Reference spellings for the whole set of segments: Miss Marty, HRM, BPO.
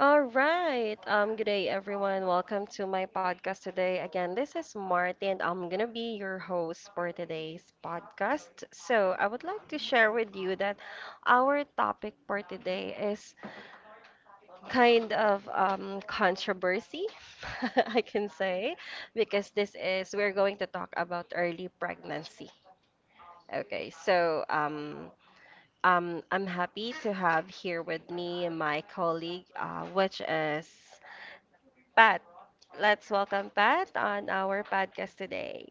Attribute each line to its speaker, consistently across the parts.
Speaker 1: All right. Good day, everyone. Welcome to my podcast today. Again, this is Martin. I'm gonna be your host for today's podcast. So, I would like to share with you that our topic for today is kind of controversy, I can say, because this is we're going to talk about early pregnancy. Okay, I'm happy to have here with me my colleague, which is Pat. Let's welcome Pat on our podcast today.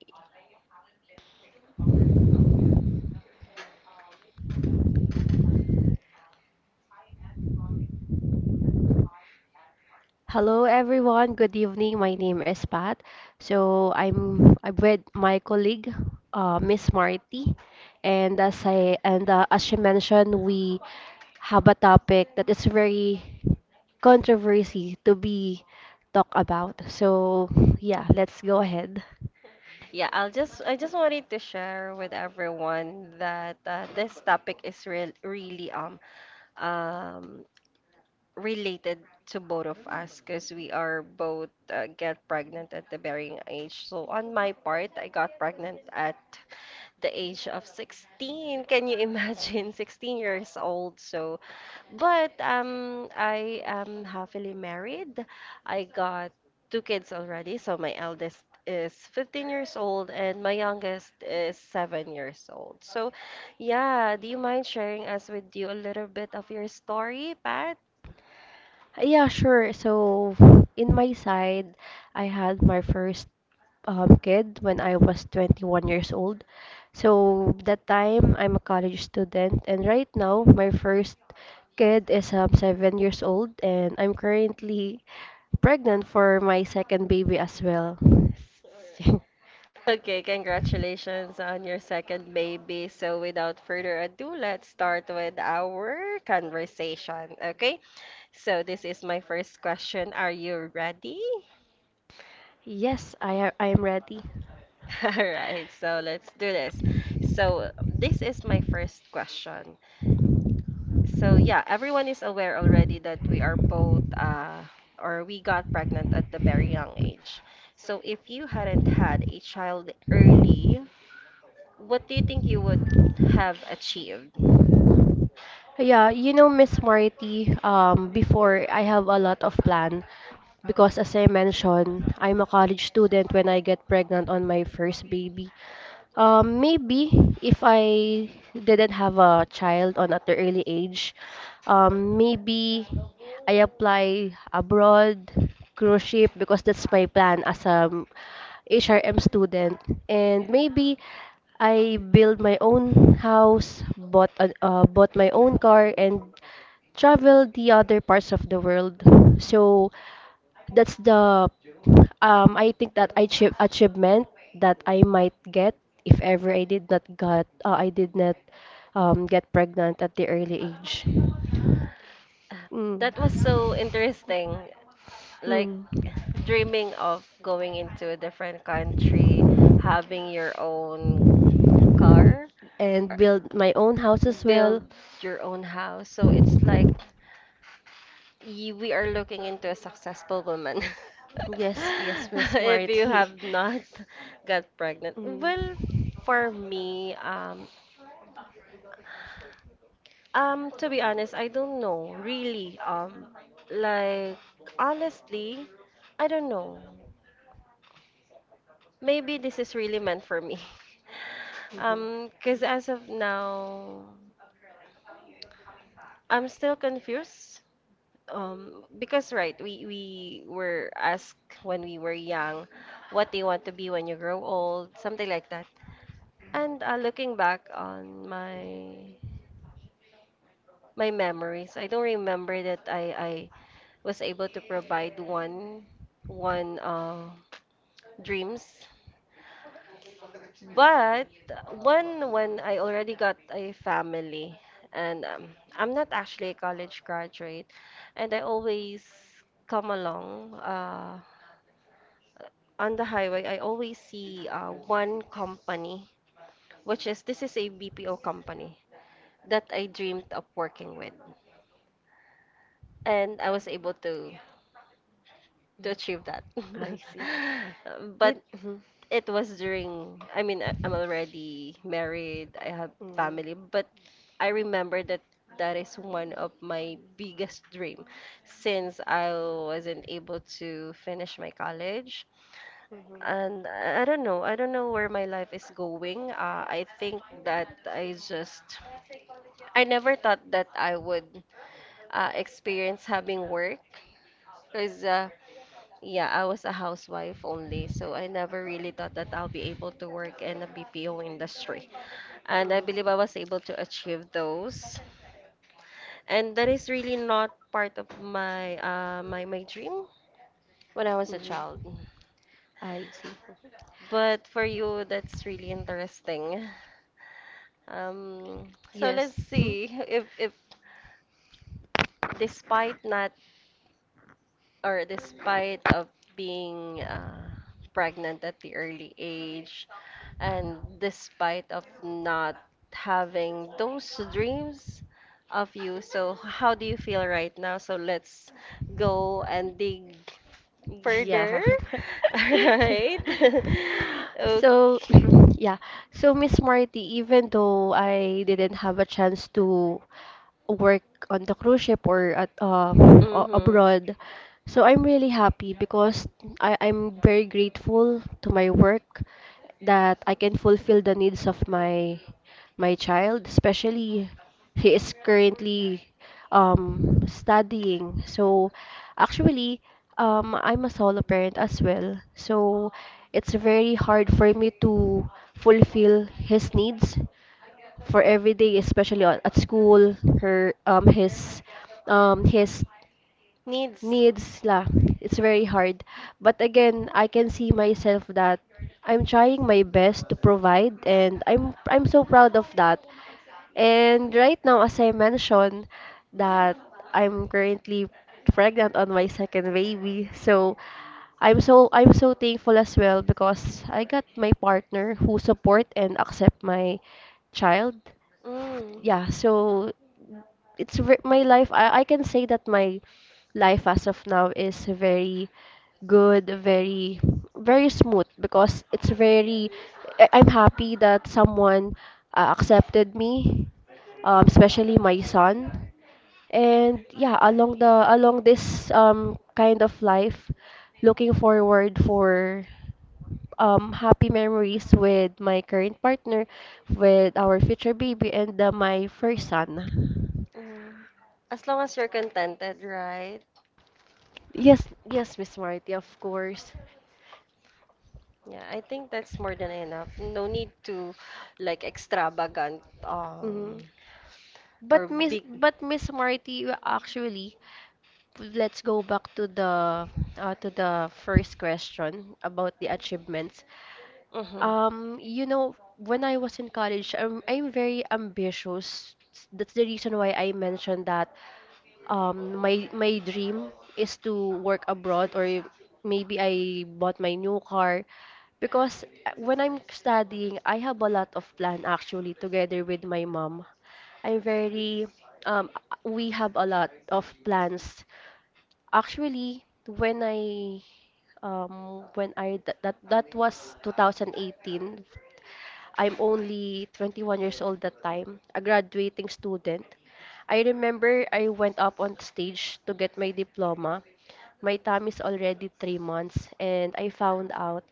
Speaker 2: Hello everyone, good evening. My name is Pat. So I'm with my colleague, Miss Marty, and as I and as she mentioned, we have a topic that is very controversy to be talked about. So yeah, let's go ahead.
Speaker 1: Yeah, I just wanted to share with everyone that this topic is really um related to both of us because we are both get pregnant at the varying age. So on my part, I got pregnant at the age of 16. Can you imagine? 16 years old. So But I am happily married. I got two kids already. So my eldest is 15 years old and my youngest is 7 years old. So, yeah, do you mind sharing us with you a little bit of your story, Pat?
Speaker 2: Yeah, sure. So, in my side, I had my first kid when I was 21 years old. So, that time, I'm a college student, and right now, my first kid is 7 years old, and I'm currently pregnant for my second baby as well.
Speaker 1: Okay, congratulations on your second baby. So, without further ado, let's start with our conversation, okay? So, this is my first question. Are you ready?
Speaker 2: Yes, I am ready.
Speaker 1: All right, so let's do this. So, this is my first question. So, yeah, everyone is aware already that we are both, or we got pregnant at the very young age. So, if you hadn't had a child early, what do you think you would have achieved?
Speaker 2: Yeah, you know, Miss Marty, before I have a lot of plan. Because as I mentioned, I'm a college student when I get pregnant on my first baby. Maybe if I didn't have a child on at the early age, maybe I apply abroad, cruise ship because that's my plan as a HRM student. And maybe I build my own house, bought bought my own car, and travel the other parts of the world. So that's the I think that achievement that I might get if ever I did not get pregnant at the early age. Mm.
Speaker 1: That was so interesting. Like
Speaker 2: Mm.
Speaker 1: dreaming of going into a different country, having your own car,
Speaker 2: And build my own house as well.
Speaker 1: build your own house. So it's like we are looking into a successful woman.
Speaker 2: Yes, yes, Miss
Speaker 1: If you
Speaker 2: Marty.
Speaker 1: have not got pregnant. Well,
Speaker 2: Mm.
Speaker 1: for me, to be honest, I don't know, really. Like, honestly, I don't know. Maybe this is really meant for me.
Speaker 2: Mhm.
Speaker 1: Because as of now, I'm still confused. Because right, we were asked when we were young what do you want to be when you grow old, something like that. And looking back on my my memories, I don't remember that I was able to provide one dreams. But when I already got a family and I'm not actually a college graduate, and I always come along on the highway, I always see one company, which is this is a BPO company that I dreamed of working with, and I was able to achieve that.
Speaker 2: I see.
Speaker 1: But
Speaker 2: It,
Speaker 1: it was during, I mean, I'm
Speaker 2: mhm.
Speaker 1: already married, I have family,
Speaker 2: Mhm.
Speaker 1: but I remember that that is one of my biggest dream since I wasn't able to finish my college.
Speaker 2: Mhm. Uh, is going.
Speaker 1: And I don't know. I don't know where my life is going. I think that I never thought that I would experience having work. Because, yeah, I was a housewife only. So I never really thought that I'll be able to work in the BPO industry. And I believe I was able to achieve
Speaker 2: Goes.
Speaker 1: those. And that is really not part of my, my dream when I was a
Speaker 2: Mhm.
Speaker 1: child.
Speaker 2: I see. Let.
Speaker 1: But for you, that's really interesting. Um, so
Speaker 2: Yes.
Speaker 1: let's see if despite not or despite of being pregnant at the early age and despite of not having those dreams of you, so how do you feel right now? So let's go and dig
Speaker 2: Yeah.
Speaker 1: further. All right. Okay.
Speaker 2: So, yeah. So, Miss Marty, even though I didn't have a chance to work on the cruise ship or at
Speaker 1: Mm-hmm.
Speaker 2: abroad, so I'm really happy because I'm very grateful to my work that I can fulfill the needs of my child, especially he is currently studying. So actually, I'm a solo parent as well. So it's very hard for me to fulfill his needs for every day, especially at school, her his
Speaker 1: Needs.
Speaker 2: needs la, it's very hard. But again, I can see myself that I'm trying my best to provide, and I'm so proud of that. And right now, as I mentioned that I'm currently pregnant on my second baby, so I'm so thankful as well because I got my partner who support and accept my child.
Speaker 1: Mm.
Speaker 2: Yeah, so my life. I can say that my life as of now is very good, very, very smooth because it's very. I'm happy that someone accepted me, especially my son. And yeah, along this kind of life, looking forward for happy memories with my current partner, with our future baby, and my first son.
Speaker 1: Yeah. As long as you're contented, right?
Speaker 2: Yes, yes, Miss Marty, of course.
Speaker 1: Yeah, I think that's more than enough. No need to like extravagant
Speaker 2: Mhm.
Speaker 1: or
Speaker 2: But Miss
Speaker 1: big.
Speaker 2: but Miss Marty, actually, let's go back to the first question about the achievements.
Speaker 1: Mm-hmm.
Speaker 2: Um, you know, when I was in college, I'm very ambitious. That's the reason why I mentioned that my dream is to work abroad or maybe I bought my new car, because when I'm studying I have a lot of plan actually together with my mom. I'm very um, we have a lot of plans. Actually, when I that that, that was 2018. I'm only 21 years old that time, a graduating student. I remember I went up on stage to get my diploma. My time is already 3 months, and I found out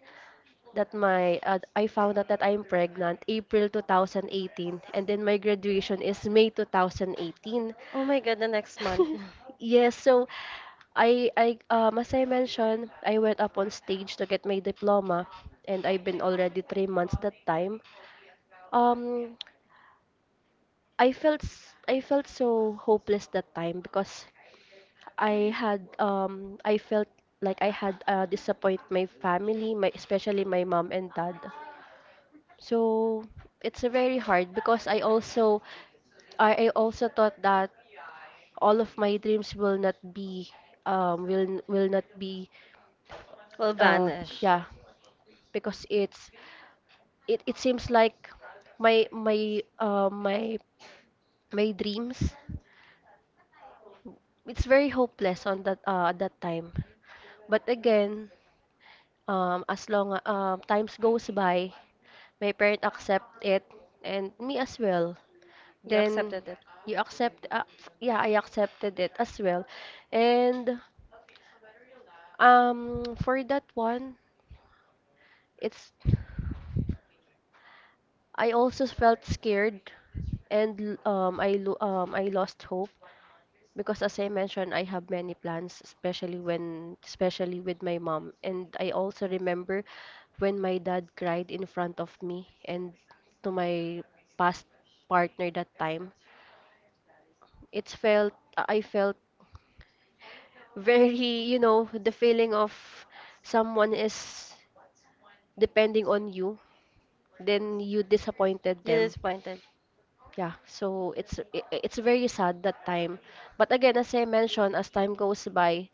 Speaker 2: that my I found out that I'm pregnant April 2018, and then my graduation is May 2018.
Speaker 1: Oh my God, the next month.
Speaker 2: Yes, so I as I mentioned, I went up on stage to get my diploma and I've been already 3 months that time. Um, I felt so hopeless that time because I felt like I had disappoint my family, my especially my mom and dad. So it's very hard because I also I also thought that all of my dreams will not be will not be.
Speaker 1: Will
Speaker 2: Uh,
Speaker 1: vanish.
Speaker 2: yeah, because it seems like my my uh, my my dreams, it's very hopeless on that at that time. But again, as long times goes by, my parent accept it, and me as well.
Speaker 1: You
Speaker 2: Then
Speaker 1: accepted it.
Speaker 2: you accept, yeah, I accepted it as well. And for that one, it's, I also felt scared and I lost hope. Because as I mentioned, I have many plans, especially with my mom. And I also remember when my dad cried in front of me and to my past partner that time. I felt very, you know, the feeling of someone is depending on you, then you disappointed
Speaker 1: You're
Speaker 2: them.
Speaker 1: disappointed.
Speaker 2: Yeah, so it's very sad that time. But again, as I mentioned, as time goes by,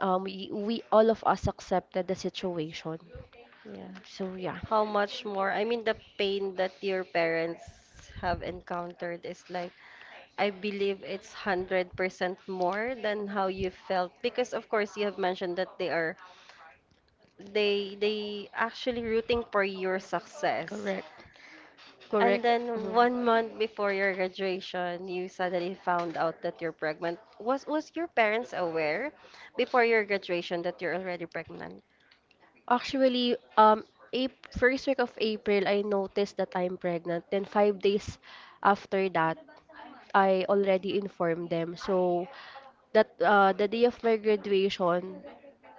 Speaker 2: we all of us accepted the situation.
Speaker 1: Yeah.
Speaker 2: So yeah.
Speaker 1: How much more? I mean, the pain that your parents have encountered is like I believe it's 100% more than how you felt because of course you have mentioned that they are they actually rooting for your success.
Speaker 2: Correct.
Speaker 1: And
Speaker 2: Correct.
Speaker 1: then
Speaker 2: Mhm.
Speaker 1: 1 month before your graduation, you suddenly found out that you're pregnant. Was your parents aware before your graduation that you're already pregnant
Speaker 2: Actually, April, first week of April, I noticed that I'm pregnant. Then 5 days after that, I already informed them. So that the day of my graduation,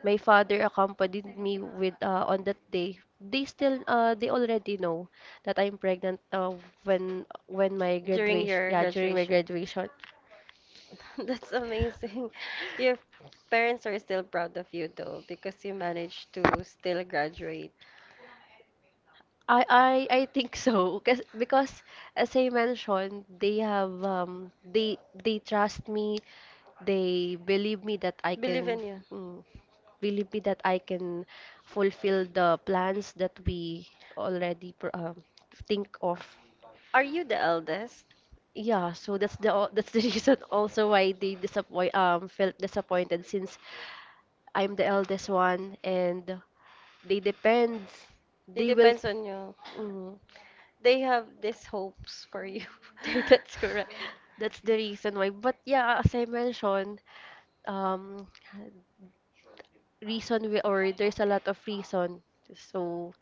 Speaker 2: my father accompanied me with on that day. They still they already know that I'm pregnant when my
Speaker 1: during
Speaker 2: graduation,
Speaker 1: your
Speaker 2: yeah, during my
Speaker 1: graduation?
Speaker 2: graduation.
Speaker 1: That's amazing. Your parents are still proud of you though because you managed to still graduate.
Speaker 2: I think so, because as I mentioned they have they trust me, they believe me that I
Speaker 1: Believe in
Speaker 2: can
Speaker 1: you.
Speaker 2: mm, believe me that I can fulfill the plans that we already think of.
Speaker 1: Are you the eldest?
Speaker 2: Yeah, so that's the that's the reason also why they disappoint felt disappointed since I'm the eldest one and they depend
Speaker 1: It
Speaker 2: they will.
Speaker 1: depends on you.
Speaker 2: Mm.
Speaker 1: They have these hopes for you.
Speaker 2: That's correct. That's the reason why. But yeah, as I mentioned, um, reason we, or there's a lot of reason. So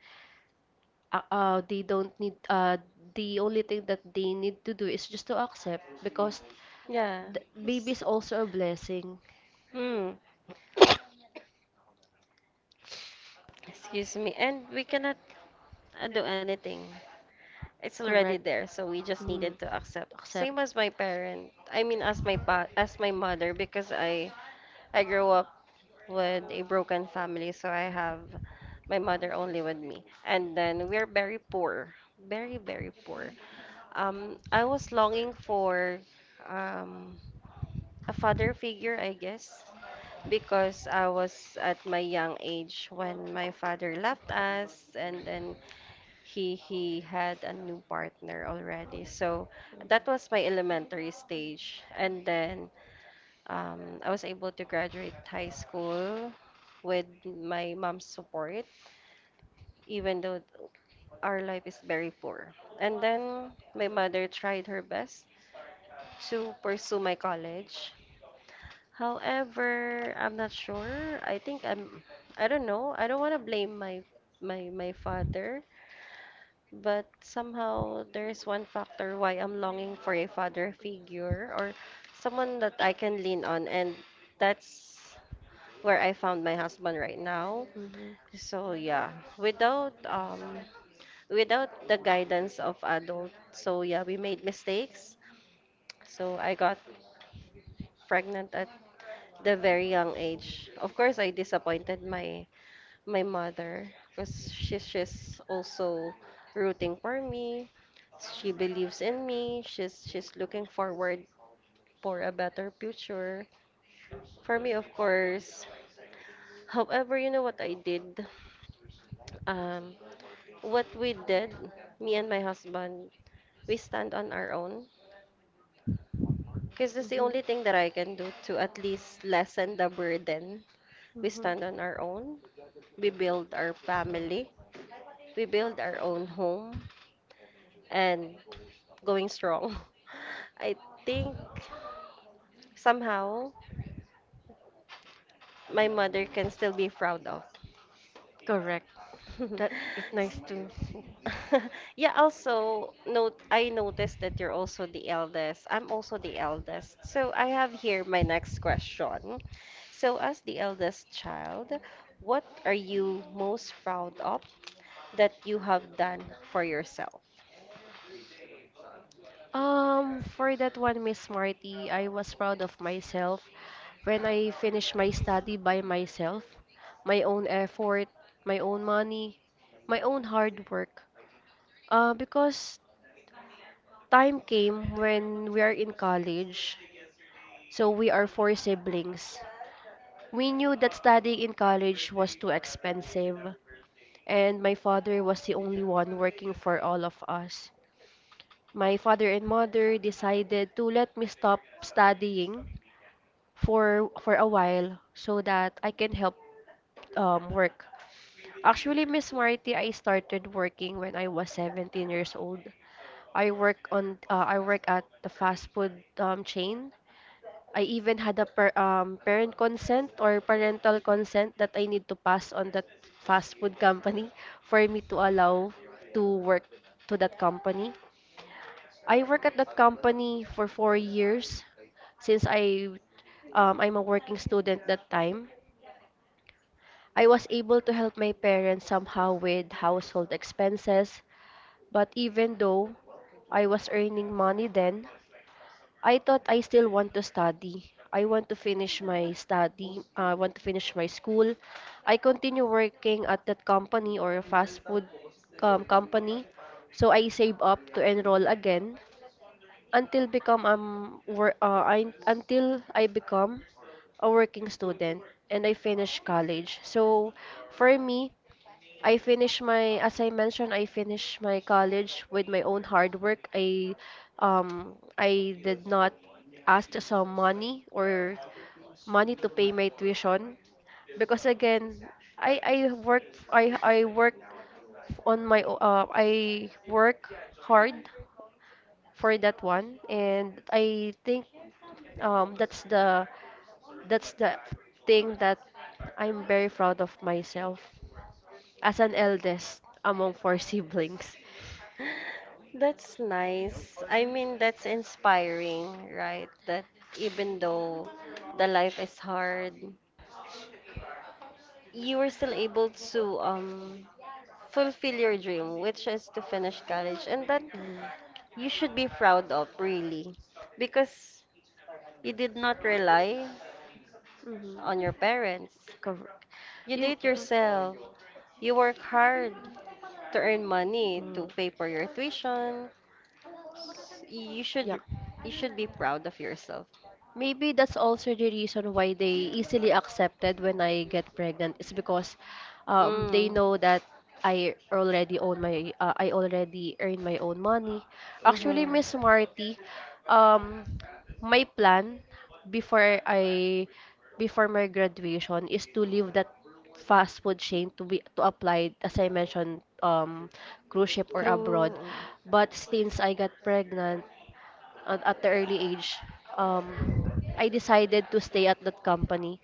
Speaker 2: they don't need the only thing that they need to do is just to accept, because
Speaker 1: Yeah.
Speaker 2: the baby is also a blessing.
Speaker 1: Mm. Excuse me. And we cannot do anything. It's already
Speaker 2: Correct.
Speaker 1: there, so we just
Speaker 2: Mm.
Speaker 1: needed to accept. Same
Speaker 2: Accept.
Speaker 1: as my parent. I mean, as my mother, because I grew up with a broken family, so I have my mother only with me. And then we're very poor, very, very poor. I was longing for um, a father figure, I guess, because I was at my young age when my father left us, and then he had a new partner already. So that was my elementary stage, and then I was able to graduate high school with my mom's support, even though our life is very poor. And then my mother tried her best to pursue my college. However, I'm not sure. I don't know. I don't want to blame my father, but somehow there is one factor why I'm longing for a father figure or someone that I can lean on, and that's where I found my husband right now. So yeah, without um without the guidance of adult, so yeah, we made mistakes. So I got pregnant at the very young age. Of course, I disappointed my my mother because she's also rooting for me. She believes in me. She's looking forward for a better future. For me, of course. However, you know what I did? Um, What we did, me and my husband, we stand on our own. Because that's the
Speaker 2: Mm-hmm.
Speaker 1: only thing that I can do to at least lessen the burden. We
Speaker 2: Mhm.
Speaker 1: stand on our own. We build our family. We build our own home. And going strong. I think somehow my mother can still be proud of.
Speaker 2: Correct. That it's nice to.
Speaker 1: Yeah, also note I noticed that you're also the eldest. I'm also the eldest. So I have here my next question. So as the eldest child, what are you most proud of that you have done for yourself?
Speaker 2: For that one, Miss Marty, I was proud of myself when I finished my study by myself, my own effort, my own money, my own hard work. Because time came when we are in college, so we are four siblings. We knew that studying in college was too expensive, and my father was the only one working for all of us. My father and mother decided to let me stop studying for a while so that I can help work. Actually, Miss Marty, I started working when I was 17 years old. I work at the fast food chain. I even had a per, parent consent or parental consent that I need to pass on that fast food company for me to allow to work to that company. I work at that company for 4 years since I'm a working student that time. I was able to help my parents somehow with household expenses, but even though I was earning money then, I thought I still want to study. I want to finish my study. I want to finish my school. I continue working at that company or a fast food company, so I save up to enroll again until become work I until I become a working student and I finish college. So for me, I finish my as I mentioned, I finished my college with my own hard work. I um, I did not ask some money or money to pay my tuition because again I I work I work I work hard for that one, and I think um, that's the that's the thing that I'm very proud of myself as an eldest among four siblings.
Speaker 1: That's nice. I mean, that's inspiring, right? That even though the life is hard, you were still able to fulfill your dream, which is to finish college, and that
Speaker 2: Mm.
Speaker 1: you should be proud of, really, because you did not rely
Speaker 2: Mhm.
Speaker 1: on your parents.
Speaker 2: Correct.
Speaker 1: You
Speaker 2: You,
Speaker 1: did it
Speaker 2: mhm.
Speaker 1: yourself. You work hard to earn money to
Speaker 2: Mm.
Speaker 1: pay for your tuition. You
Speaker 2: Yeah.
Speaker 1: should you should be proud of yourself.
Speaker 2: Maybe that's also the reason why they easily accepted when I get pregnant is because they
Speaker 1: Mm.
Speaker 2: know that I already earn my own money.
Speaker 1: Mm-hmm.
Speaker 2: Actually, Miss Marty, um, my plan before I before my graduation is to leave that fast food chain to apply as I mentioned um, cruise ship or
Speaker 1: Crew.
Speaker 2: abroad. But since I got pregnant, at the early age, um, I decided to stay at that company.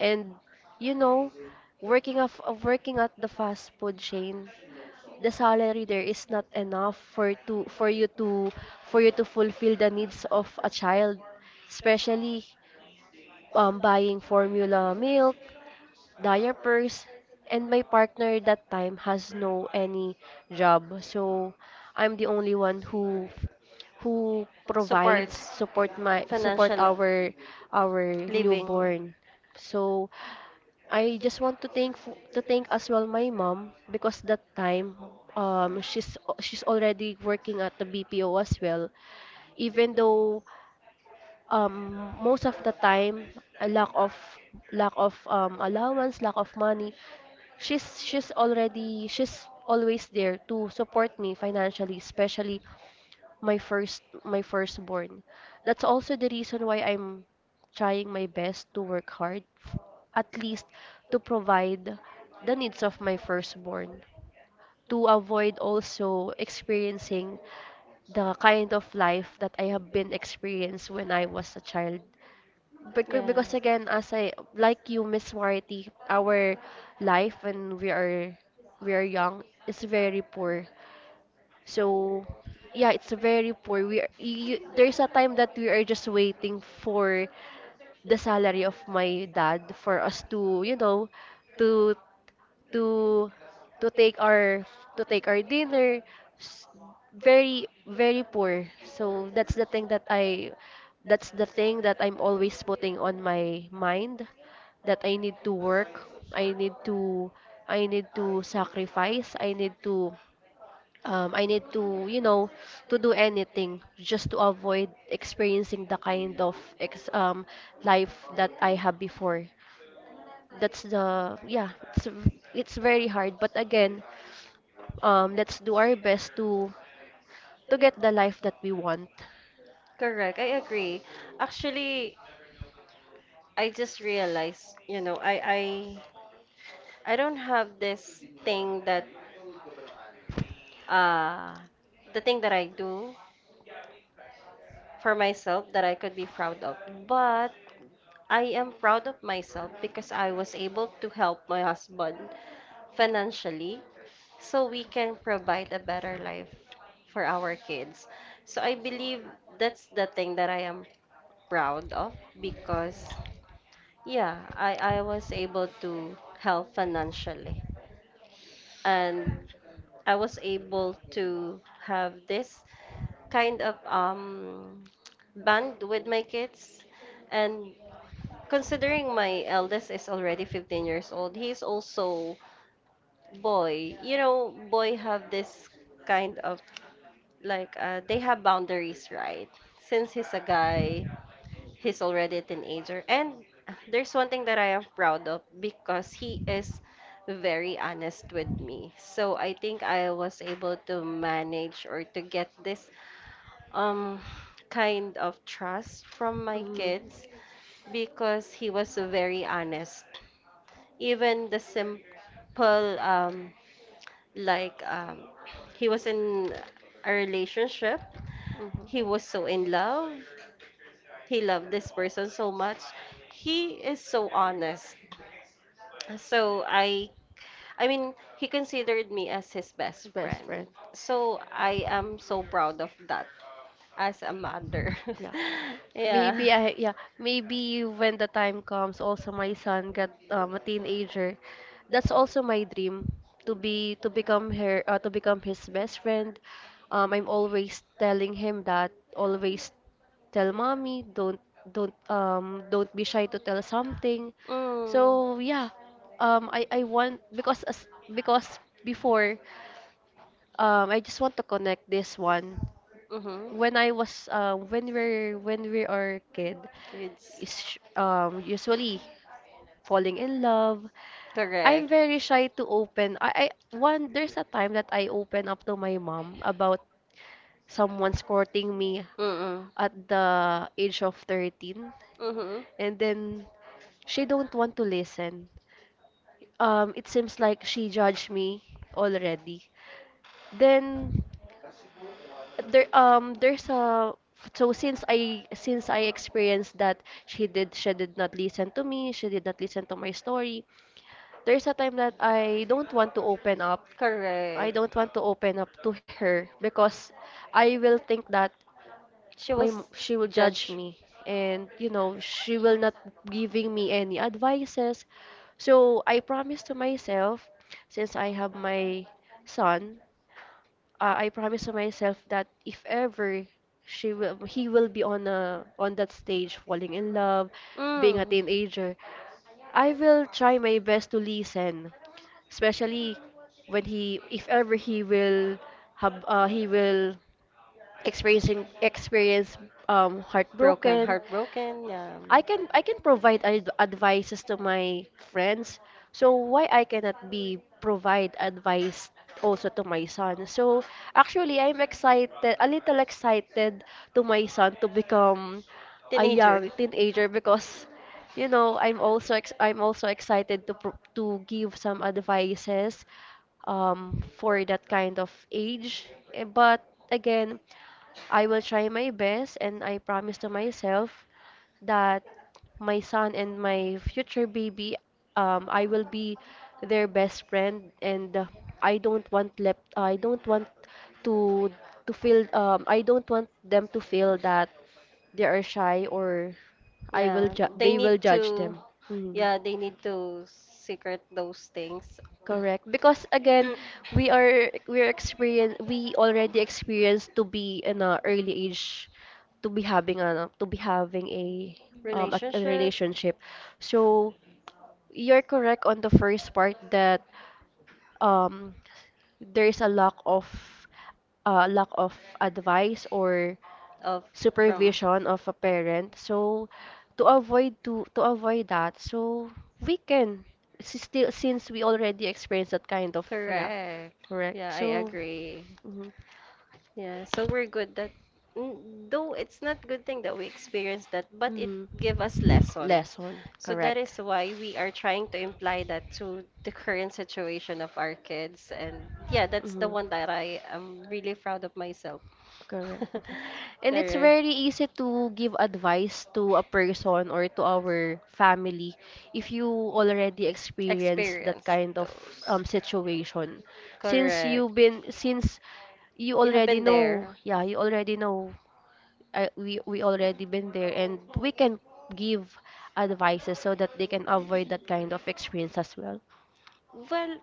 Speaker 2: And you know, working of working at the fast food chain, the salary there is not enough for to for you to for you to fulfill the needs of a child, especially buying formula milk, diapers, and my partner that time has no any job. So I'm the only one who provides
Speaker 1: Supports
Speaker 2: support my support
Speaker 1: financially,
Speaker 2: our
Speaker 1: living.
Speaker 2: newborn. So I just want to thank as well my mom because that time she's already working at the BPO as well. Even though most of the time, a lack of allowance, lack of money, she's always there to support me financially, especially my firstborn. That's also the reason why I'm trying my best to work hard at least to provide the needs of my firstborn, to avoid also experiencing the kind of life that I have been experienced when I was a child. because,
Speaker 1: Yeah,
Speaker 2: because again, as I like you, Miss Warity, our life when we are young is very poor. So yeah, it's very poor. There's a time that we are just waiting for the salary of my dad for us to, you know, to to to take our to take our dinner. S- Very, very poor. So that's the thing that I that's the thing that I'm always putting on my mind, that I need to work, I need to sacrifice, I need to, to do anything just to avoid experiencing the kind of ex life that I had before. That's the Yeah, it's very hard, but again, let's do our best to get the life that we want.
Speaker 1: correct. I agree. Actually, I just realized, you know, I don't have this thing that uh the thing that I do for myself that I could be proud of, but I am proud of myself because I was able to help my husband financially so we can provide a better life for our kids. So I believe that's the thing that I am proud of because I was able to help financially, and I was able to have this kind of bond with my kids, and considering my eldest is already 15 years old, he's also boy. You know, boy have this kind of like they have boundaries, right? Since he's a guy, he's already a teenager. And there's one thing that I am proud of because he is very honest with me. So I think I was able to manage or to get this um kind of trust from my
Speaker 2: Mm.
Speaker 1: kids because he was very honest even the simple um like um he was in a relationship, he was
Speaker 2: Mhm.
Speaker 1: so in love, he loved this person so much, he is so honest, so I mean he considered me as his best
Speaker 2: Best
Speaker 1: friend,
Speaker 2: friend.
Speaker 1: so I am so proud of that as a mother.
Speaker 2: Yeah,
Speaker 1: Yeah.
Speaker 2: maybe I yeah maybe when the time comes, also my son get a teenager. That's also my dream to become her to become his best friend. I'm always telling him that, always tell mommy, don't don't be shy to tell something.
Speaker 1: Mm.
Speaker 2: So yeah, I want because as because before, I just want to connect this one.
Speaker 1: Mm-hmm.
Speaker 2: When I was when we're when we are kid
Speaker 1: Kids.
Speaker 2: is usually falling in love. I'm
Speaker 1: Correct.
Speaker 2: very shy to open. I one there's a time that I open up to my mom about someone's courting me
Speaker 1: Mm-mm.
Speaker 2: at the age of 13,
Speaker 1: Mm-hmm.
Speaker 2: and then she don't want to listen. It seems like she judged me already. Then there's a since I experienced that, she did not listen to me, she did not listen to my story. There's a time that I don't want to open up. I
Speaker 1: Correct.
Speaker 2: don't want to open up to her because I will think that
Speaker 1: She was
Speaker 2: she will judge
Speaker 1: judged.
Speaker 2: me, and you know she will not giving me any advices. So I promised to myself, since I have my son, I promise to myself that if ever he will be on that stage, falling in love, being a
Speaker 1: Mm.
Speaker 2: teenager, I will try my best to listen, especially when he, if ever he will have, he will experiencing experience
Speaker 1: Broken,
Speaker 2: heartbroken.
Speaker 1: heartbroken. Yeah.
Speaker 2: I can provide advices to my friends, so why I cannot be provide advice also to my son? So actually I'm excited, a little excited to my son to become a
Speaker 1: Teenager.
Speaker 2: young teenager, because you know, I'm also ex I'm also excited to give some advices for that kind of age. But again, I will try my best and I promise to myself that my son and my future baby, I will be their best friend, and I don't want left I don't want to feel I don't want them to feel that they are shy, or
Speaker 1: Yeah. They
Speaker 2: they
Speaker 1: need
Speaker 2: will judge
Speaker 1: to.
Speaker 2: them. Mhm.
Speaker 1: Yeah, they need to secret those things.
Speaker 2: Correct. Because again,
Speaker 1: Mm,
Speaker 2: we are experience we already experienced to be in a early age, to be having a a
Speaker 1: relationship
Speaker 2: relationship. So you're correct on the first part that um there is a lack of advice or
Speaker 1: of from
Speaker 2: supervision of a parent. So to avoid to avoid that, so we can s- still since we already experienced that kind of, yeah,
Speaker 1: correct.
Speaker 2: correct.
Speaker 1: Yeah, I
Speaker 2: So
Speaker 1: agree.
Speaker 2: mhm,
Speaker 1: Yeah, so we're good that mm, though it's not good thing that we experienced that, but it
Speaker 2: mhm.
Speaker 1: give us lessons.
Speaker 2: Lesson,
Speaker 1: So that
Speaker 2: correct.
Speaker 1: is why we are trying to imply that to the current situation of our kids. And yeah, that's the
Speaker 2: Mhm.
Speaker 1: one that I am really proud of myself.
Speaker 2: Correct. And it's
Speaker 1: Correct.
Speaker 2: very easy to give advice to a person or to our family if you already experienced that
Speaker 1: Experience
Speaker 2: kind of
Speaker 1: those.
Speaker 2: situation.
Speaker 1: Correct.
Speaker 2: Since you
Speaker 1: You have
Speaker 2: already
Speaker 1: been
Speaker 2: know,
Speaker 1: there.
Speaker 2: yeah, you already know, we already been there and we can give advices so that they can avoid that kind of experience as well.
Speaker 1: Well,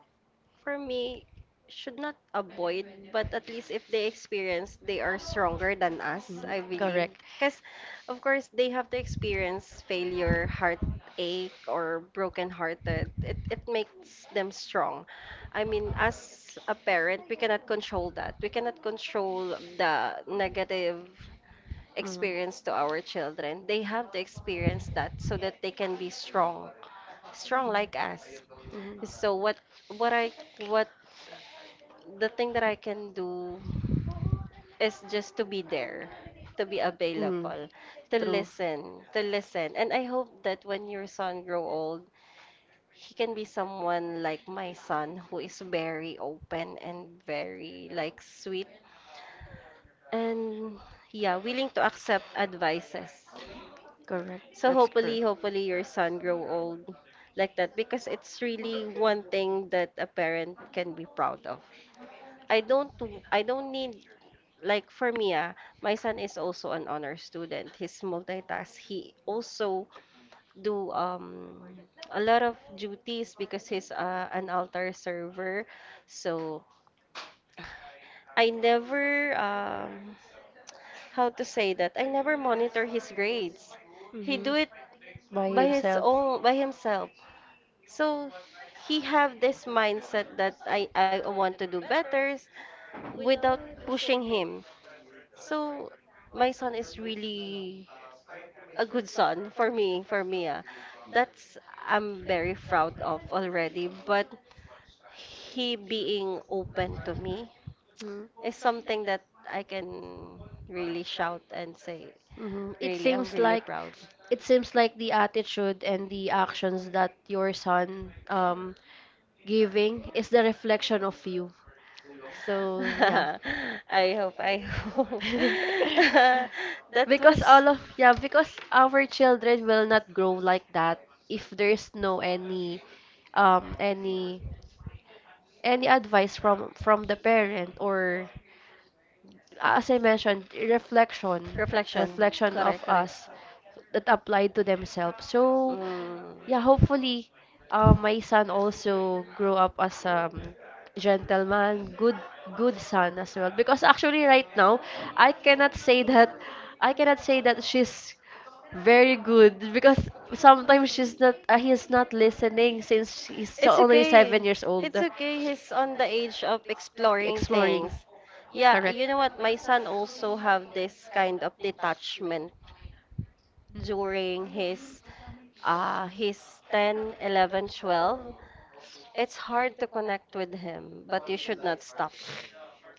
Speaker 1: for me, should not avoid, but at least if they experience, they are stronger than us,
Speaker 2: Mm,
Speaker 1: I believe.
Speaker 2: correct.
Speaker 1: Because, of course, they have to experience failure, heartache, or broken-hearted. It makes them strong. I mean, as a parent, we cannot control that. We cannot control the negative
Speaker 2: Mm.
Speaker 1: experience to our children. They have to experience that so that they can be strong, strong like us.
Speaker 2: Mhm.
Speaker 1: So what I what the thing that I can do is just to be there, to be
Speaker 2: Available, mm,
Speaker 1: available, to
Speaker 2: true.
Speaker 1: listen, to listen. And I hope that when your son grow old, he can be someone like my son who is very open and very like sweet and yeah, willing to accept advices.
Speaker 2: Correct.
Speaker 1: So
Speaker 2: That's
Speaker 1: hopefully,
Speaker 2: correct.
Speaker 1: hopefully your son grow old like that because it's really one thing that a parent can be proud of. I don't need like for me, my son is also an honor student. He's multitask. He also do a lot of duties because he's an altar server. So I never how to say that I never monitor his grades. He
Speaker 2: Mm-hmm.
Speaker 1: do
Speaker 2: Mhm.
Speaker 1: it
Speaker 2: By
Speaker 1: by his
Speaker 2: himself.
Speaker 1: own by himself. So he have this mindset that I want to do better without pushing him. So my son is really a good son for me, for Mia. That's I'm very proud of already, but he being open to me
Speaker 2: Mm-hmm.
Speaker 1: is something that I can really shout and say,
Speaker 2: It really
Speaker 1: really, I'm
Speaker 2: seems
Speaker 1: really
Speaker 2: like,
Speaker 1: proud.
Speaker 2: it seems like the attitude and the actions that your son giving is the reflection of you. So yeah.
Speaker 1: I hope, I hope. That
Speaker 2: Because
Speaker 1: was
Speaker 2: all of, yeah, because our children will not grow like that if there's no any um any any advice from the parent, or as I mentioned, reflection,
Speaker 1: Reflection.
Speaker 2: reflection
Speaker 1: Correct,
Speaker 2: of
Speaker 1: correct.
Speaker 2: us that applied to themselves. So
Speaker 1: Mm.
Speaker 2: yeah, hopefully, my son also grow up as a gentleman, good, good son as well. Because actually, right now, I cannot say that, I cannot say that she's very good because sometimes she's not, he's not listening, since he's
Speaker 1: It's
Speaker 2: only seven
Speaker 1: okay.
Speaker 2: years old,
Speaker 1: It's okay. He's on the age of exploring
Speaker 2: exploring.
Speaker 1: things. Yeah,
Speaker 2: Correct.
Speaker 1: you know what? My son also have this kind of detachment during his 10, 11, 12. It's hard to connect with him, but you should not stop.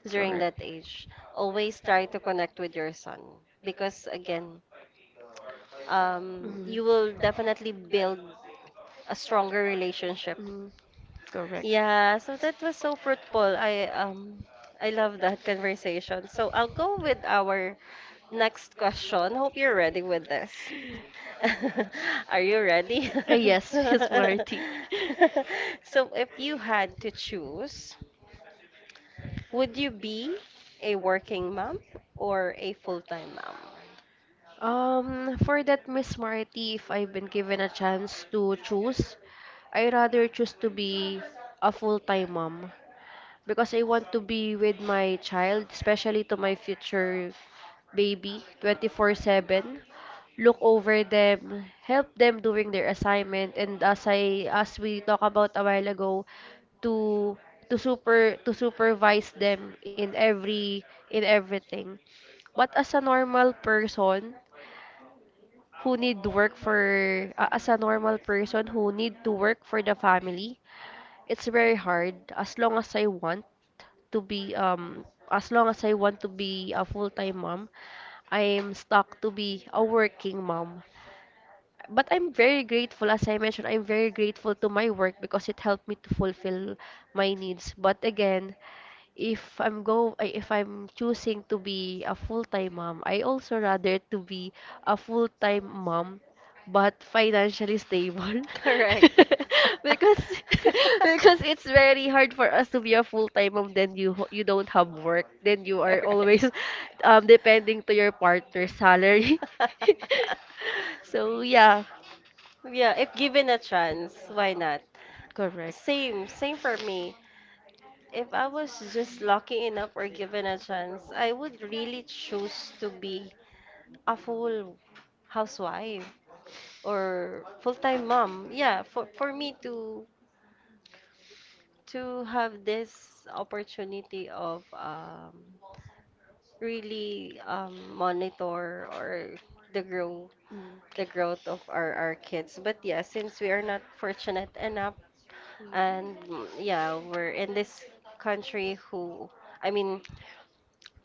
Speaker 1: During that
Speaker 2: Correct.
Speaker 1: age, always try to connect with your son because again, you
Speaker 2: Mm-hmm.
Speaker 1: will definitely build a stronger relationship.
Speaker 2: Mm-hmm. Correct.
Speaker 1: Yeah, so that was so fruitful. I love that conversation. So I'll go with our next question. Hope you're ready with this. Are you ready?
Speaker 2: Yes, Miss Marty.
Speaker 1: So if you had to choose, would you be a working mom or a full-time mom?
Speaker 2: For that Miss Marty, if I've been given a chance to choose, I rather choose to be a full-time mom because I want to be with my child, especially to my future baby, 24/7. Look over them, help them during their assignment, and as we talked about a while ago, to to super to supervise them in every in everything. But as a normal person who need work for, as a normal person who need to work for the family, it's very hard. As long as I want to be as long as I want to be a full-time mom, I'm stuck to be a working mom. But I'm very grateful, as I mentioned, I'm very grateful to my work because it helped me to fulfill my needs. But again, if I'm choosing to be a full-time mom, I also rather to be a full-time mom, but financially stable.
Speaker 1: Correct.
Speaker 2: Because because it's very hard for us to be a full-time mom, then you don't have work, then you are
Speaker 1: Correct.
Speaker 2: always depending to your partner's salary. So yeah,
Speaker 1: Yeah, if given a chance, why not?
Speaker 2: correct.
Speaker 1: Same, same for me. If I was just lucky enough or given a chance, I would really choose to be a full housewife or full-time mom. Yeah, for me to have this opportunity of really monitor or the grow
Speaker 2: Mm.
Speaker 1: the growth of our kids. But yeah, since we are not fortunate enough, and yeah, we're in this country who, I mean.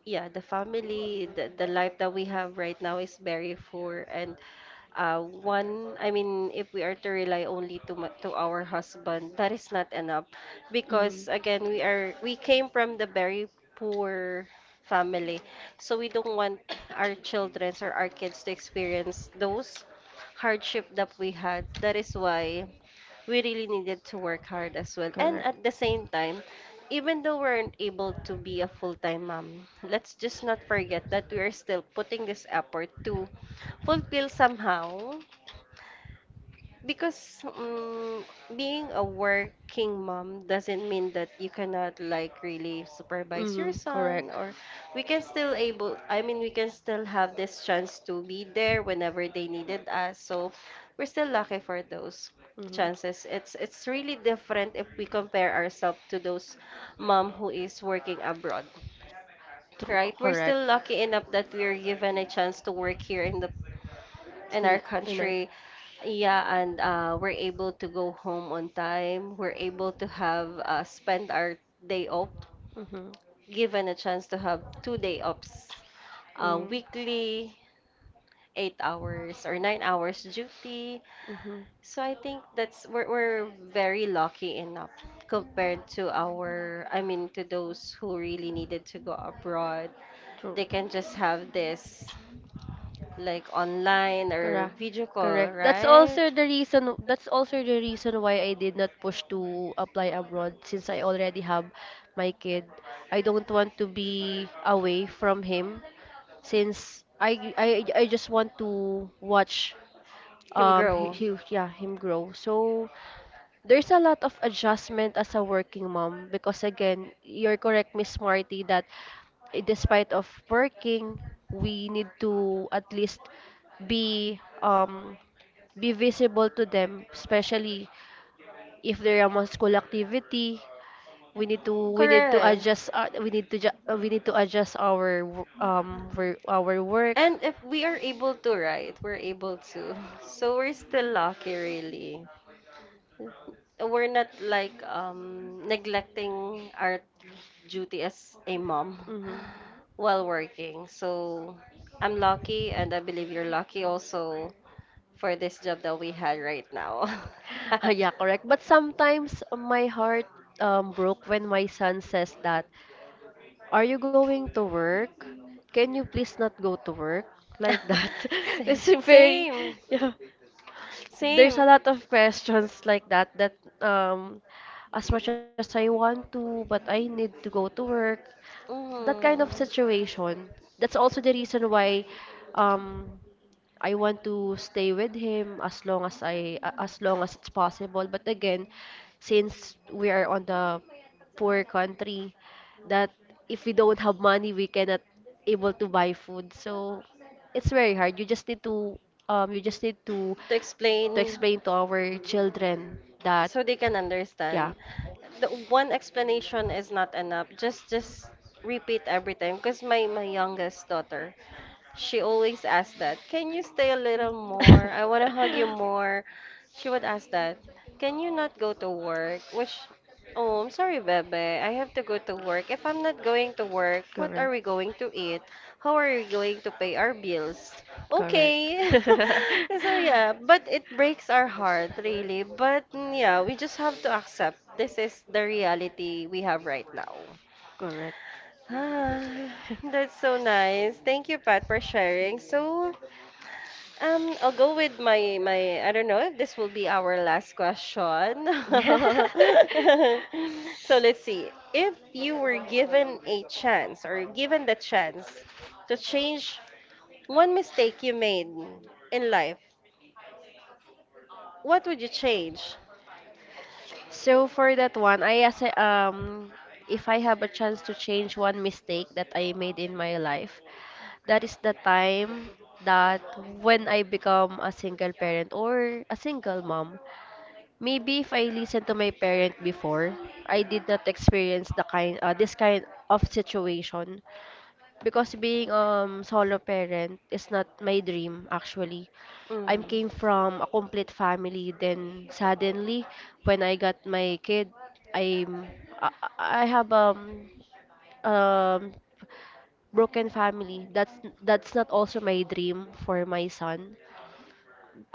Speaker 1: Yeah, the family, the life that we have right now is very poor, and one, I mean, if we are to rely only to ma- to our husband, that is not enough,
Speaker 2: Mm.
Speaker 1: because again, we came from the very
Speaker 2: Mhm.
Speaker 1: poor family, so we don't want our children or our kids to experience those hardship that we had. That is why we really needed to work hard as well. And at the same time, even though we aren't able to be a full-time mom, let's just not forget that we are still putting this effort to fulfill somehow because being a working mom doesn't mean that you cannot like really supervise your son or we can still able, I mean, we can still have this chance to be there whenever they needed us. So we're still lucky for those
Speaker 2: And
Speaker 1: chances. It's really different if we compare ourselves to those mom who is working abroad, right? We're still lucky enough that we are given a chance to work here in the in
Speaker 2: still
Speaker 1: our
Speaker 2: in our.
Speaker 1: country, yeah, and we're able to go home on time. We're able to have spend our day off,
Speaker 2: Mm-hmm.
Speaker 1: given a chance to have 2 day offs,
Speaker 2: Mm,
Speaker 1: weekly, 8 hours or 9 hours duty.
Speaker 2: hmm.
Speaker 1: So I think that's we're very lucky enough compared to our, I mean, to those who really needed to go abroad. They can just have this like online or
Speaker 2: Correct.
Speaker 1: video call,
Speaker 2: Correct. That's
Speaker 1: right?
Speaker 2: also the reason, that's also the reason why I did not push to apply abroad, since I already have my kid. I don't want to be away from him, since I just want to watch
Speaker 1: Him grow. Yes.
Speaker 2: he yeah him grow. So there's a lot of adjustment as a working mom, because again, you're correct, Miss Marty, that despite of working, we need to at least be um be visible to them, especially if they're among school activity. We need to
Speaker 1: Correct.
Speaker 2: adjust we need to we need to adjust our work.
Speaker 1: And if we are able to, write, we're able to. So we're still lucky, really. We're not like neglecting our duty as a mom while working. So I'm lucky, and I believe you're lucky also for
Speaker 2: Mm-hmm.
Speaker 1: this job that we had right now.
Speaker 2: Yeah, correct. But sometimes my heart broke when my son says that, are you going to work? Can you please not go to work? Like that.
Speaker 1: Same,
Speaker 2: It's a very,
Speaker 1: same.
Speaker 2: yeah. There's
Speaker 1: Same.
Speaker 2: a lot of questions like that that um, as much as I want to, but I need to go to work. That kind
Speaker 1: Mm.
Speaker 2: of situation. That's also the reason why um, I want to stay with him as long as as long as it's possible. But again, since we are on the poor country, that if we don't have money, we cannot able to buy food. So it's very hard. You just need to you just need
Speaker 1: To
Speaker 2: to
Speaker 1: explain
Speaker 2: explain to our children that,
Speaker 1: so they can
Speaker 2: yeah.
Speaker 1: understand. The one explanation is not enough. Just repeat every time because my youngest daughter, she always asked that. Can you stay a little more? I want to hug you more. She would ask that. Can you not go to work? Which, oh, I'm sorry, Bebe. I have to go to work. If I'm not going to work, what are we
Speaker 2: Correct.
Speaker 1: going to eat? How are we going to pay our bills? Okay. So, yeah, but it breaks our heart, really. But, yeah, we just have to accept this is the reality we have right now.
Speaker 2: Correct.
Speaker 1: Ah, that's so nice. Thank you, Pat, for sharing. So, I'll go with my. I don't know if this will be our last question. So let's see. If you were given a chance or given the chance to change one mistake you made in life, what would you change?
Speaker 2: So for that one, I as if I have a chance to change one mistake that I made in my life, that is the time that when I become a single parent or a single mom. Maybe if I listened to my parent before, I did not experience the kind this kind of situation, because being solo parent is not my dream actually.
Speaker 1: Mm.
Speaker 2: I came from a complete family. Then suddenly, when I got my kid, I'm I have um broken family. That's not also my dream for my son.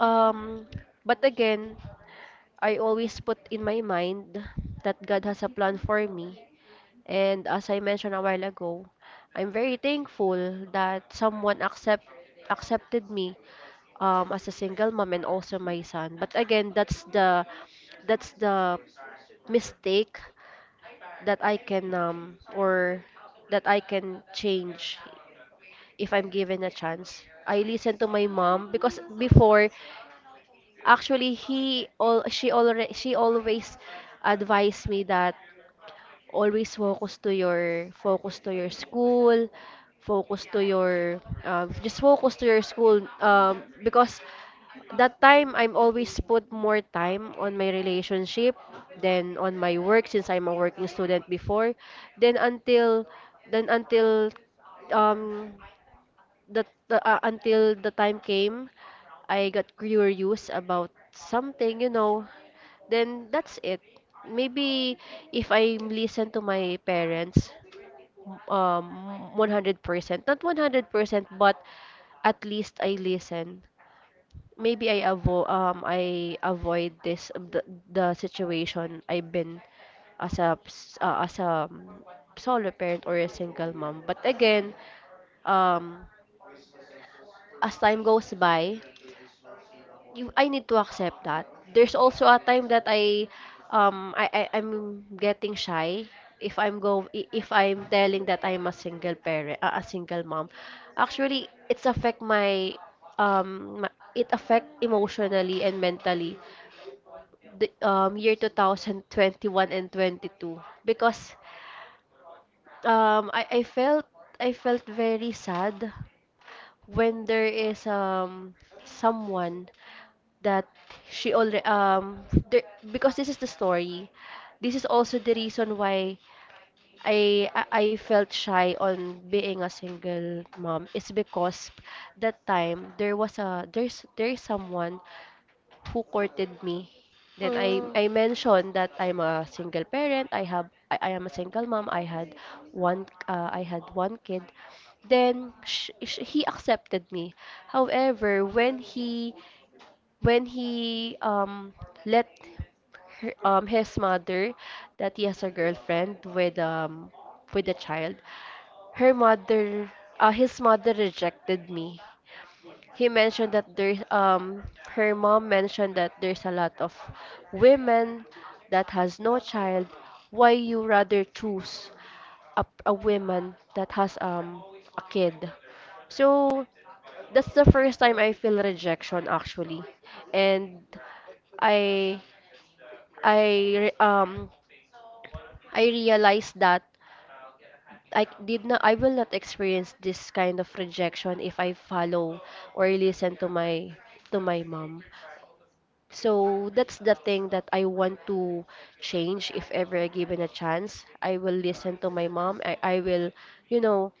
Speaker 2: Um, but again, I always put in my mind that God has a plan for me. And as I mentioned a while ago, I'm very thankful that someone accepted me as a single mom and also my son. But again, that's the mistake that I can or that I can change if I'm given a chance. I listen to my mom, because before actually he all she always advised me that always focus to your, focus to your school, focus to your just focus to your school, because that time I'm always put more time on my relationship than on my work, since I'm a working student before. Then until then until um the until the time came. I got curious about something. Then that's it. Maybe if I listen to my parents 100%, not 100%, but at least I listen. Maybe I avoid this, the situation I've been, as a solo parent or a single mom. But again, um as time goes by, you I need to accept that. There's also a time that I'm getting shy if I'm go I- if I'm telling that I'm a single parent, a single mom. Actually, it's affect my, it affect emotionally and mentally the year 2021 and 22, because I felt, I felt very sad when there is someone that she already there, because this is the story. This is also the reason why I I I felt shy on being a single mom, is because that time there was a there's someone who courted me. Then I
Speaker 1: Mm.
Speaker 2: mentioned that I'm a single parent. I am a single mom. I had one kid. Then sh sh he accepted me. However, when he let her, his mother, that he has a girlfriend with a child, her mother his mother rejected me. He mentioned that there's her mom mentioned that there's a lot of women that has no child. Why you rather choose a woman that has a kid? So that's the first time I feel rejection, actually. And i i re- um I realized that I will not experience this kind of rejection if I follow or listen to my mom. So that's the thing that I want to change if ever I given a chance. I will listen to my mom. I will, you know,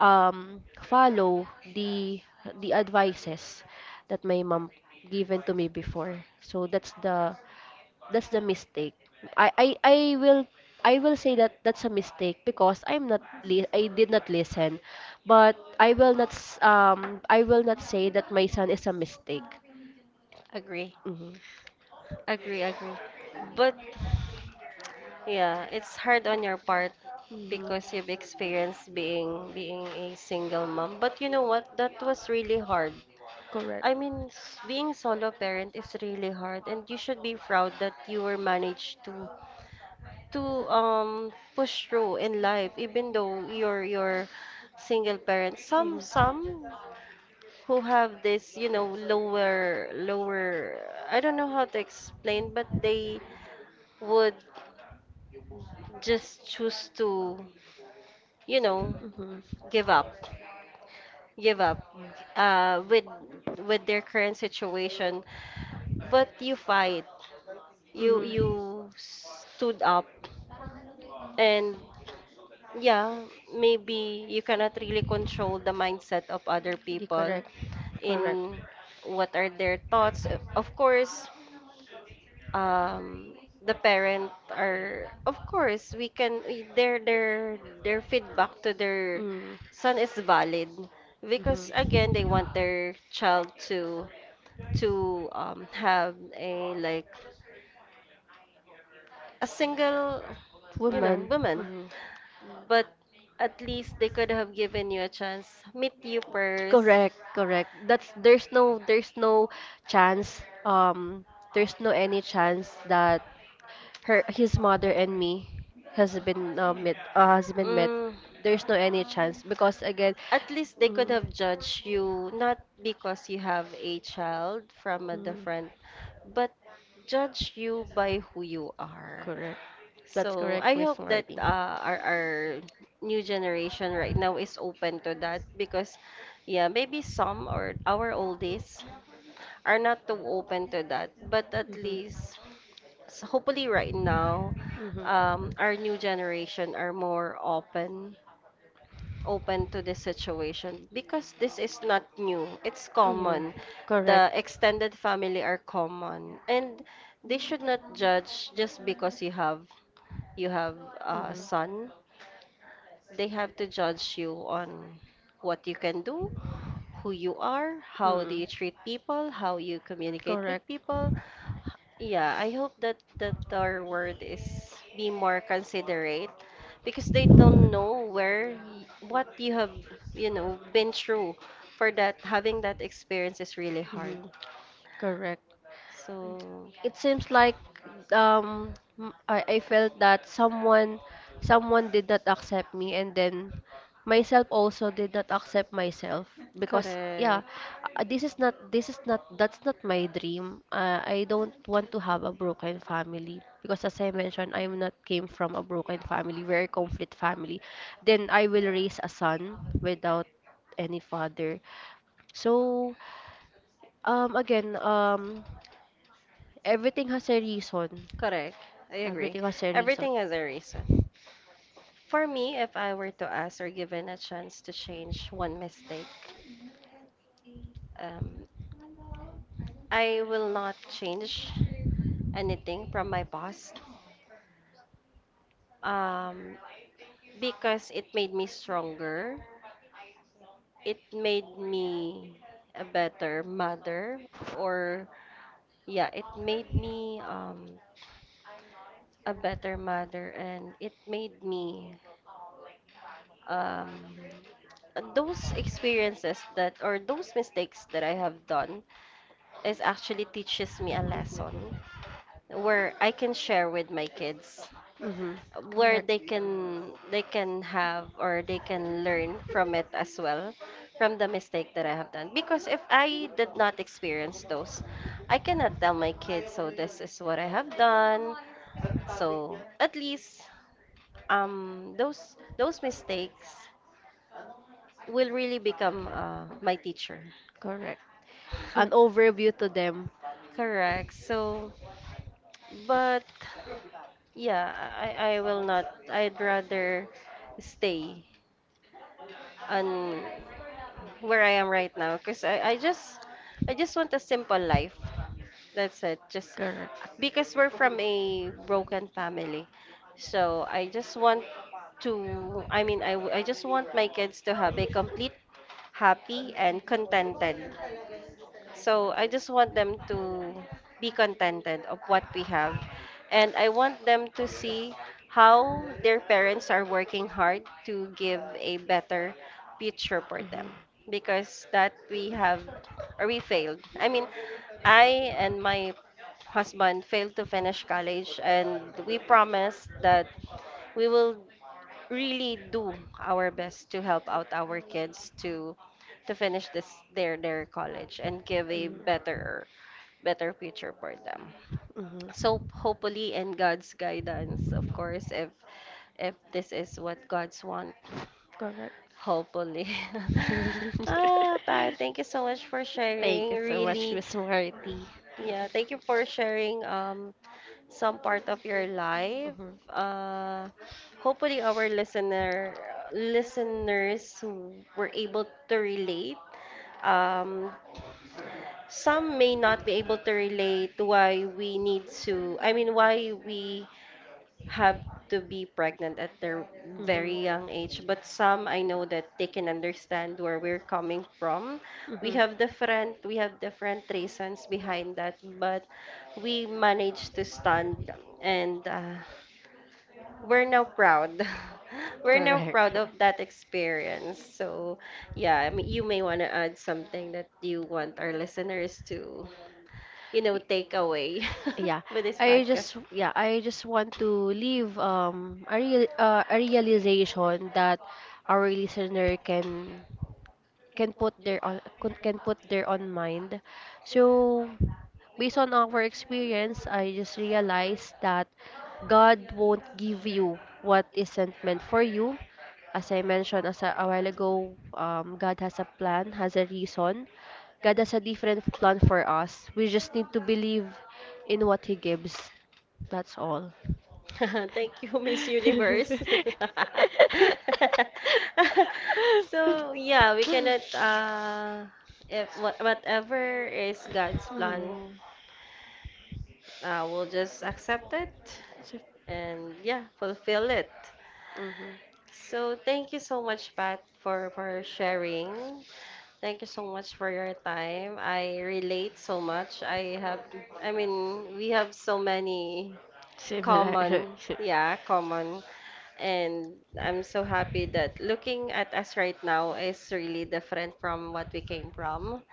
Speaker 2: follow the advices that my mom given to me before. So that's the mistake. I, I, I will I will say that that's a mistake because I'm not I did not listen. But I will not I will not say that my son is a mistake.
Speaker 1: Agree,
Speaker 2: Mhm.
Speaker 1: agree, agree. But yeah, it's hard on your part
Speaker 2: Mhm.
Speaker 1: because you've experienced being a single mom. But you know what? That was really hard.
Speaker 2: Correct.
Speaker 1: I mean, s- being solo parent is really hard, and you should be proud that you were managed to push through in life, even though you're single parent.
Speaker 2: Mhm.
Speaker 1: Some who have this, you know, lower, lower, I don't know how to explain, but they would just choose to, you know,
Speaker 2: Mhm.
Speaker 1: give up, give up uh, with with their current situation. But you fight, you
Speaker 2: Mhm.
Speaker 1: you stood up, and yeah, maybe you cannot really control the mindset of other
Speaker 2: Di-
Speaker 1: people
Speaker 2: Correct. Correct.
Speaker 1: in what are their thoughts. Of course, um the parent are of course we can we- their their feedback to their
Speaker 2: Mm.
Speaker 1: son is valid because again they want
Speaker 2: Mhm.
Speaker 1: their child to have a like a single you know
Speaker 2: Women.
Speaker 1: woman
Speaker 2: Mhm.
Speaker 1: but at least they could have given you a chance meet you first,
Speaker 2: Correct, correct. That's There's no there's no chance there's no any chance that her his mother and me has been met.
Speaker 1: mm,
Speaker 2: There's no any chance because again.
Speaker 1: at least they could
Speaker 2: Mm,
Speaker 1: have judged you not because you have a child from a
Speaker 2: mm,
Speaker 1: different, but judge you by who you are.
Speaker 2: correct. That's
Speaker 1: So
Speaker 2: correct,
Speaker 1: I
Speaker 2: Miss
Speaker 1: hope that
Speaker 2: Marty.
Speaker 1: our new generation right now is open to that because yeah, maybe some or our oldies are not too open to that, but at least so hopefully right now
Speaker 2: Mhm.
Speaker 1: our new generation are more open open to
Speaker 2: Mhm.
Speaker 1: this situation because this is not new. It's
Speaker 2: Mm,
Speaker 1: common. The
Speaker 2: correct.
Speaker 1: extended family are common, and they should not judge just because you have a
Speaker 2: Mhm.
Speaker 1: son. They have to judge you on what you can do, who you are, how do
Speaker 2: Mm,
Speaker 1: you treat people, how you communicate with
Speaker 2: correct.
Speaker 1: people, yeah, I hope that that our word is be more considerate because they don't know where y- what you have, you know, been through. For that, having that experience is really hard.
Speaker 2: Mhm, correct.
Speaker 1: So,
Speaker 2: It seems like um I felt that someone did not accept me, and then myself also did not accept myself because, yeah,
Speaker 1: correct.
Speaker 2: this is not that's not my dream. I don't want to have a broken family, because as I mentioned, I'm not came from a broken family, very conflict family. Then I will raise a son without any father. So again, everything has a reason.
Speaker 1: Correct. I agree.
Speaker 2: Everything has a reason.
Speaker 1: Everything has a reason. For me, if I were to ask or given a chance to change one mistake, um, I will not change anything from my past. um, because it made me stronger. It made me a better mother, or yeah, it made me a better mother, and it made me um, those experiences that or those mistakes that I have done is actually teaches me a lesson where I can share with my kids
Speaker 2: Mm-hmm.
Speaker 1: where
Speaker 2: Correct.
Speaker 1: they can have or they can learn from it as well from the mistake that I have done because if I did not experience those I cannot tell my kids so this is what I have done so at least those mistakes will really become my teacher,
Speaker 2: Correct. An overview to them.
Speaker 1: correct so but yeah I will not I'd rather stay on where I am right now because I just I just want a simple life. That's it. Just
Speaker 2: Correct.
Speaker 1: because we're from a broken family. So I just want to I mean I, w- I just want my kids to have a complete happy and contented so I just want them to be contented of what we have. And I want them to see how their parents are working hard to give a better future for them.
Speaker 2: Mm-hmm.
Speaker 1: Because that we have or we failed. I mean, I and my husband failed to finish college and we promised that we will really do our best to help out our kids to finish this their college and give a better better future for them.
Speaker 2: Mm-hmm.
Speaker 1: So hopefully in God's guidance, of course, if this is what God's want,
Speaker 2: Correct.
Speaker 1: hopefully. Pat, thank you so much for
Speaker 2: Thank
Speaker 1: sharing.
Speaker 2: you so much,
Speaker 1: Really,
Speaker 2: Miss Marty.
Speaker 1: yeah, thank you for sharing some part of your life.
Speaker 2: Mm-hmm.
Speaker 1: Uh, hopefully, our listener listeners were able to relate. Um, some may not be able to relate why we need to. I mean, why we have to be pregnant at their very young age. But some I know that they can understand where we're coming from.
Speaker 2: Mm-hmm.
Speaker 1: We have different reasons behind that, but we managed to stand and we're now proud. We're now proud of that experience. So, yeah, I mean, you may want to add something that you want our listeners to, you know, take away
Speaker 2: Yeah,
Speaker 1: with this podcast.
Speaker 2: I just want to leave a a realization that our listener can put their on con- can put their own mind. So based on our experience, I just realized that God won't give you what isn't meant for you. As I mentioned, as a while ago, God has a plan, has a reason. God has a different plan for us. We just need to believe in what He gives. That's all.
Speaker 1: Thank you, Miss Universe. So, yeah, we cannot, if wha- whatever is God's
Speaker 2: Mhm.
Speaker 1: plan, we'll just accept it
Speaker 2: Sif-
Speaker 1: and, yeah, fulfill it.
Speaker 2: mhm.
Speaker 1: So thank you so much, Pat, for sharing. Thank you so much for your time. I relate so much. I have, I mean, we have so many
Speaker 2: Similar.
Speaker 1: common, yeah, common. And I'm so happy that looking at us right now is really different from what we came from.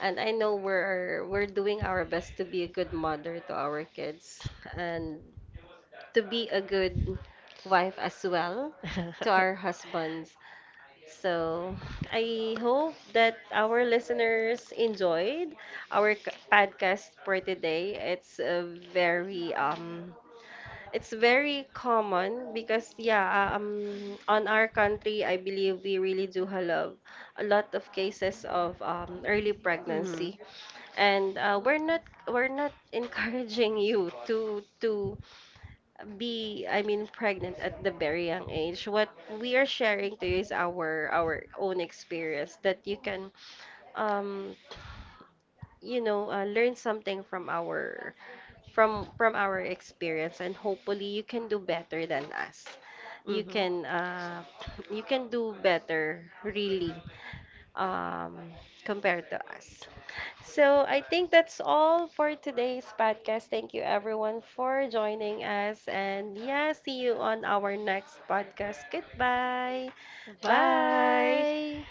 Speaker 1: And I know we're doing our best to be a good mother to our kids and to be a good wife as well to our husbands so I hope that our listeners enjoyed our c- podcast for today. It's a very it's very common because yeah on our country I believe we really do have a lot of cases of early
Speaker 2: Mhm.
Speaker 1: pregnancy and we're not encouraging you to be I mean pregnant at the very young age. What we are sharing to you is our own experience that you can um you know learn something from our from our experience and hopefully you can do better than us. You
Speaker 2: Mhm.
Speaker 1: can you can do better really um compared to us. So I think that's all for today's podcast. Thank you everyone for joining us. And yeah, see you on our next podcast. Goodbye.
Speaker 2: Bye.
Speaker 1: Bye.